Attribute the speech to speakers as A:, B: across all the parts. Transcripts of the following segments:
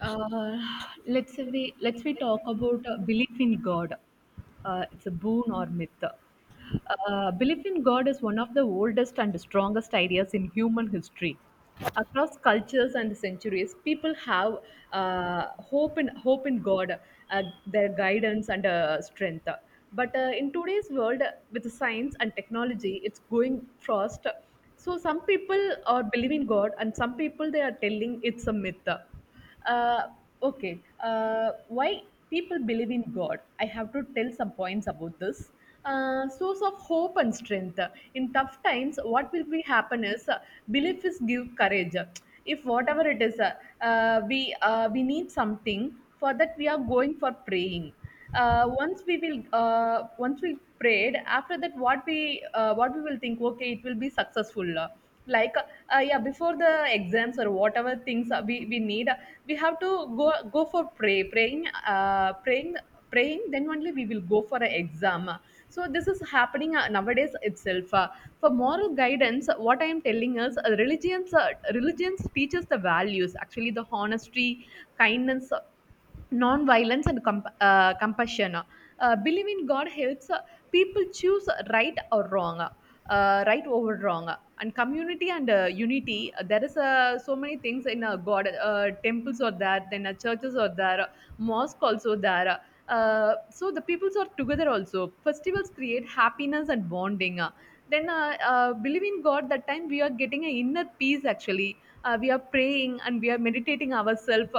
A: Uh, let's say we talk about belief in God. It's a boon or myth. Belief in God is one of the oldest and strongest ideas in human history. Across cultures and centuries, people have hope in God, their guidance and strength. But in today's world, with science and technology, it's going fast. So some people are believing God, and some people they are telling it's a myth uh, okay. Why people believe in God? I have to tell some points about this. Source of hope and strength. In tough times, what will be happen is belief is give courage. If whatever it is, we need something for that we are going for praying. Once we will once we prayed, after that what we will think, okay, it will be successful, like, yeah, before the exams or whatever things, we need, we have to go go for pray praying uh, praying praying then only we will go for an exam. So this is happening nowadays itself. For moral guidance, what I am telling is, religions teaches the values, actually the honesty, kindness, non-violence and compassion. Believe in God helps people choose right over wrong, and community and unity. There is so many things in God. Temples are there, then churches are there, mosque also there. So the peoples are together also. Festivals create happiness and bonding. Then Believe in God, that time we are getting an inner peace. Actually, we are praying and we are meditating ourselves,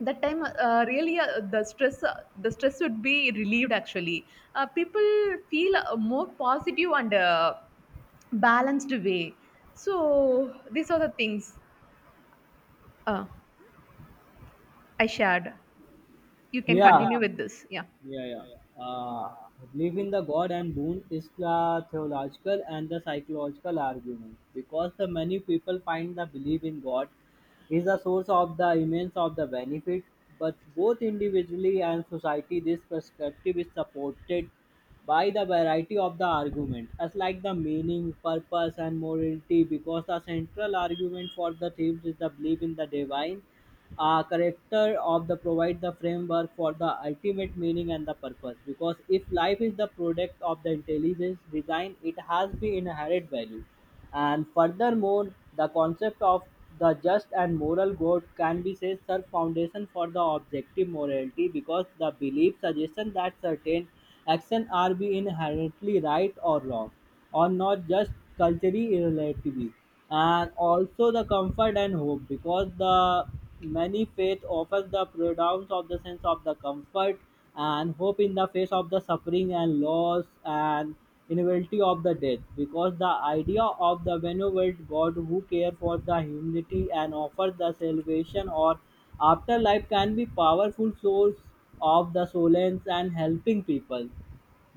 A: that time really the stress would be relieved actually. People feel a more positive and balanced way. So these are the things uh, I shared. You can, yeah,
B: Yeah,
A: continue with this yeah
B: yeah. Uh, Belief in the God and boon is the theological and the psychological argument because the many people find the belief in God is the source of the immense of the benefit, but both individually and society, this perspective is supported by the variety of the argument, as like the meaning, purpose, and morality, because the central argument for the themes is the belief in the divine character of the provide the framework for the ultimate meaning and the purpose. Because if life is the product of the intelligence design, it has the inherent value. And furthermore, the concept of the just and moral good can be said serve foundation for the objective morality, because the belief suggestion that certain action are be inherently right or wrong, or not just culturally relative. And also the comfort and hope, because the many faith offers the predominance of the sense of the comfort and hope in the face of the suffering and loss and inevitability of the death, because the idea of the benevolent god who cares for the humanity and offers the salvation or afterlife can be powerful source of the solace and helping people.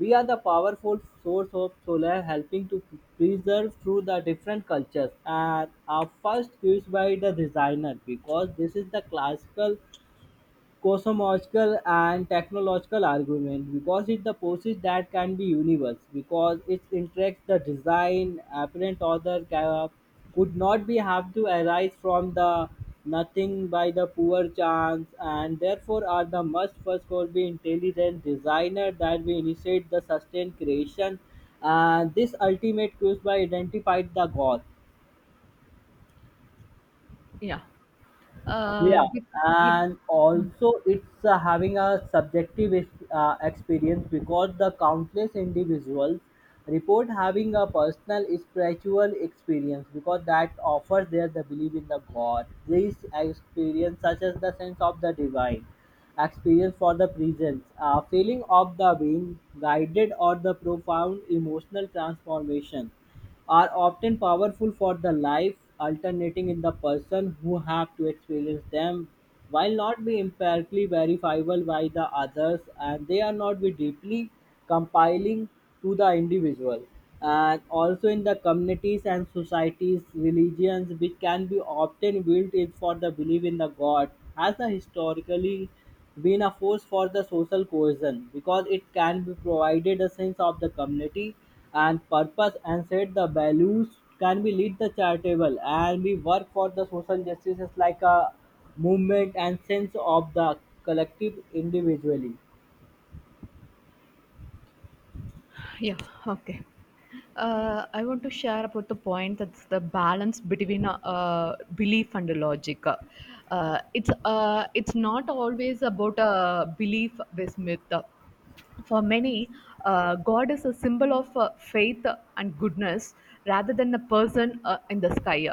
B: We are the powerful source of solar, helping to preserve through the different cultures. And our first used by the designer, because this is the classical cosmological and technological argument, because it the process that can be universal, because it interacts the design apparent order could not be have to arise from the nothing by the poor chance, and therefore are the must first could be intelligent designer that we initiate the sustained creation and this ultimate quest by identified the goal.
A: yeah uh, be-
B: Yeah,
A: yeah.
B: and
A: Hmm.
B: also it's having a subjective experience, because the countless individuals report having a personal spiritual experience, because that offers their the belief in the god. This experience, such as the sense of the divine experience for the presence, a feeling of the being guided or the profound emotional transformation, are often powerful for the life alternating in the person who have to experience them, while not be empirically verifiable by the others, and they are not be deeply compiling to the individual. And also in the communities and societies, religions which can be often built is for the belief in the god, as a historically been a force for the social cohesion, because it can be provided a sense of the community and purpose, and set the values can be lead the charitable, and we work for the social justice is like a movement and sense of the collective individually.
A: Yeah, okay. I want to share about the point that's the balance between belief and logic. It's not always about a belief with myth. For many, God is a symbol of faith and goodness rather than a person in the sky.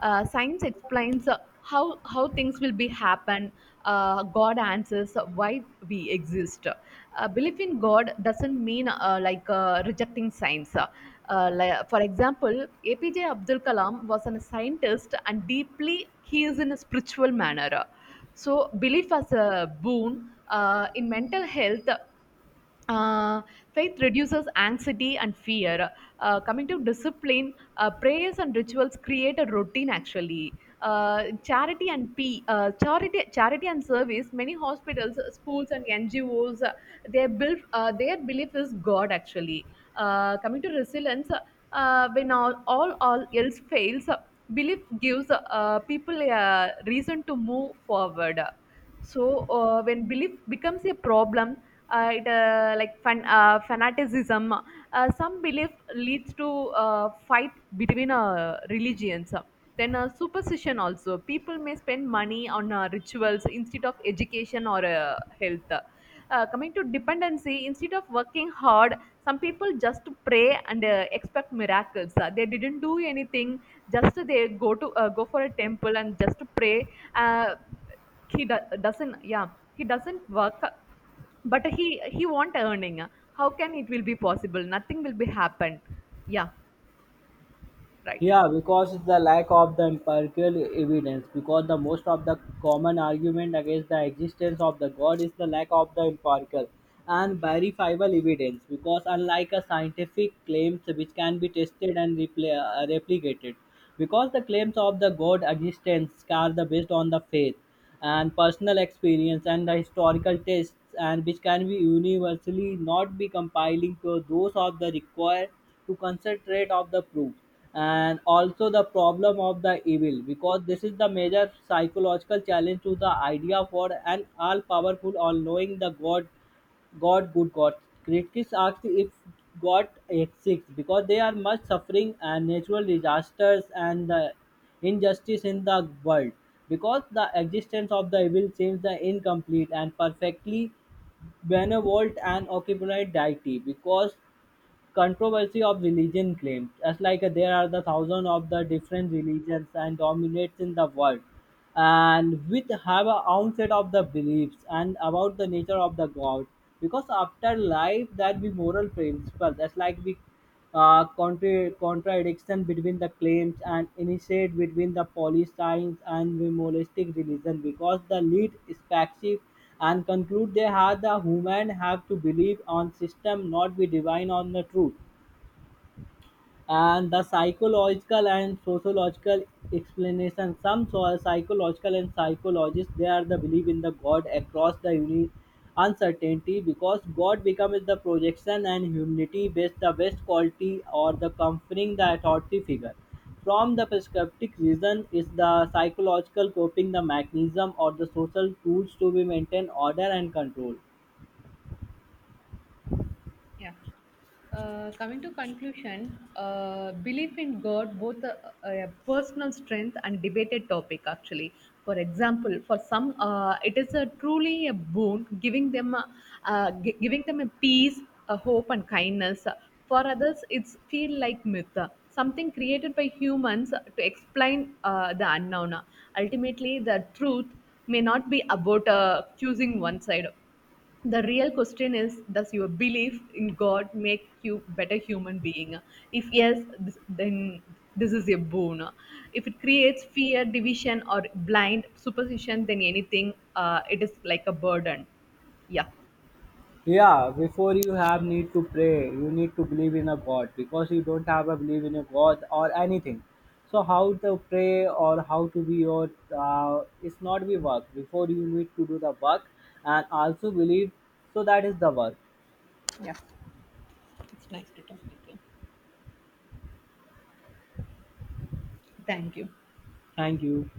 A: Science explains how things will be happen. God answers why we exist. Belief in God doesn't mean, like, rejecting science. Like, for example, APJ Abdul Kalam was a scientist and deeply he is in a spiritual manner. So belief as a boon, in mental health, uh, faith reduces anxiety and fear. Coming to discipline, prayers and rituals create a routine. Actually, charity and service. Many hospitals, schools, and NGOs, their build their belief is God. Actually, coming to resilience, when all else fails, belief gives people a reason to move forward. So when belief becomes a problem, it like fanaticism. Some belief leads to fight between religions. Then superstition also. People may spend money on rituals instead of education or health. Coming to dependency, instead of working hard, some people just pray and expect miracles. They didn't do anything, just they go to, go for a temple and just pray. uh, doesn't, yeah, he doesn't work, but he want earning. How can it will be possible? Nothing will be happen. Yeah. Right.
B: Yeah, because the lack of the empirical evidence. Because the most of the common argument against the existence of the God is the lack of the empirical and verifiable evidence. Because unlike a scientific claims which can be tested and replicated, because the claims of the God existence are the based on the faith and personal experience and the historical tests, and which can be universally not be compiling to those of the required to concentrate of the proof. And also the problem of the evil, because this is the major psychological challenge to the idea for an all powerful all knowing the god, God, good God. Critics asked if God exists, because there are much suffering and natural disasters and the injustice in the world. Because the existence of the evil seems the incomplete and perfectly benevolent and occupied deity. Because controversy of religion claims, as like there are the thousands of the different religions and dominates in the world, and which have a onset of the beliefs and about the nature of the God, because after life there be moral principles, just like we contradiction between the claims and initiate between the Palestinians and the monotheistic religion, because the lead species and conclude they have the human have to believe on system, not be divine on the truth. And the psychological and sociological explanation, some psychological and psychologists, they are the belief in the god across the uncertainty, because god becomes the projection and humanity based the best quality or the comforting the authority figure, from the prescriptive reason is the psychological coping the mechanism or the social tools to be maintain order and control.
A: Yeah. Coming to conclusion, belief in God, both a personal strength and debated topic, actually. For example, for some, it is a truly a boon, giving them a, giving them a peace, a hope, and kindness. For others, it's feel like myth, something created by humans to explain the unknown. Ultimately, the truth may not be about choosing one side. The real question is, does your belief in God make you better human being? If yes, then this is a boon. If it creates fear, division or blind superstition, then anything, it is like a burden. Yeah.
B: Yeah, before you have need to pray, you need to believe in a God, because you don't have a belief in a God or anything. So how to pray or how to be your it's not be work. Before you need to do the work and also believe. So that is the work.
A: Yeah, it's nice to talk with you. Thank you.
B: Thank you.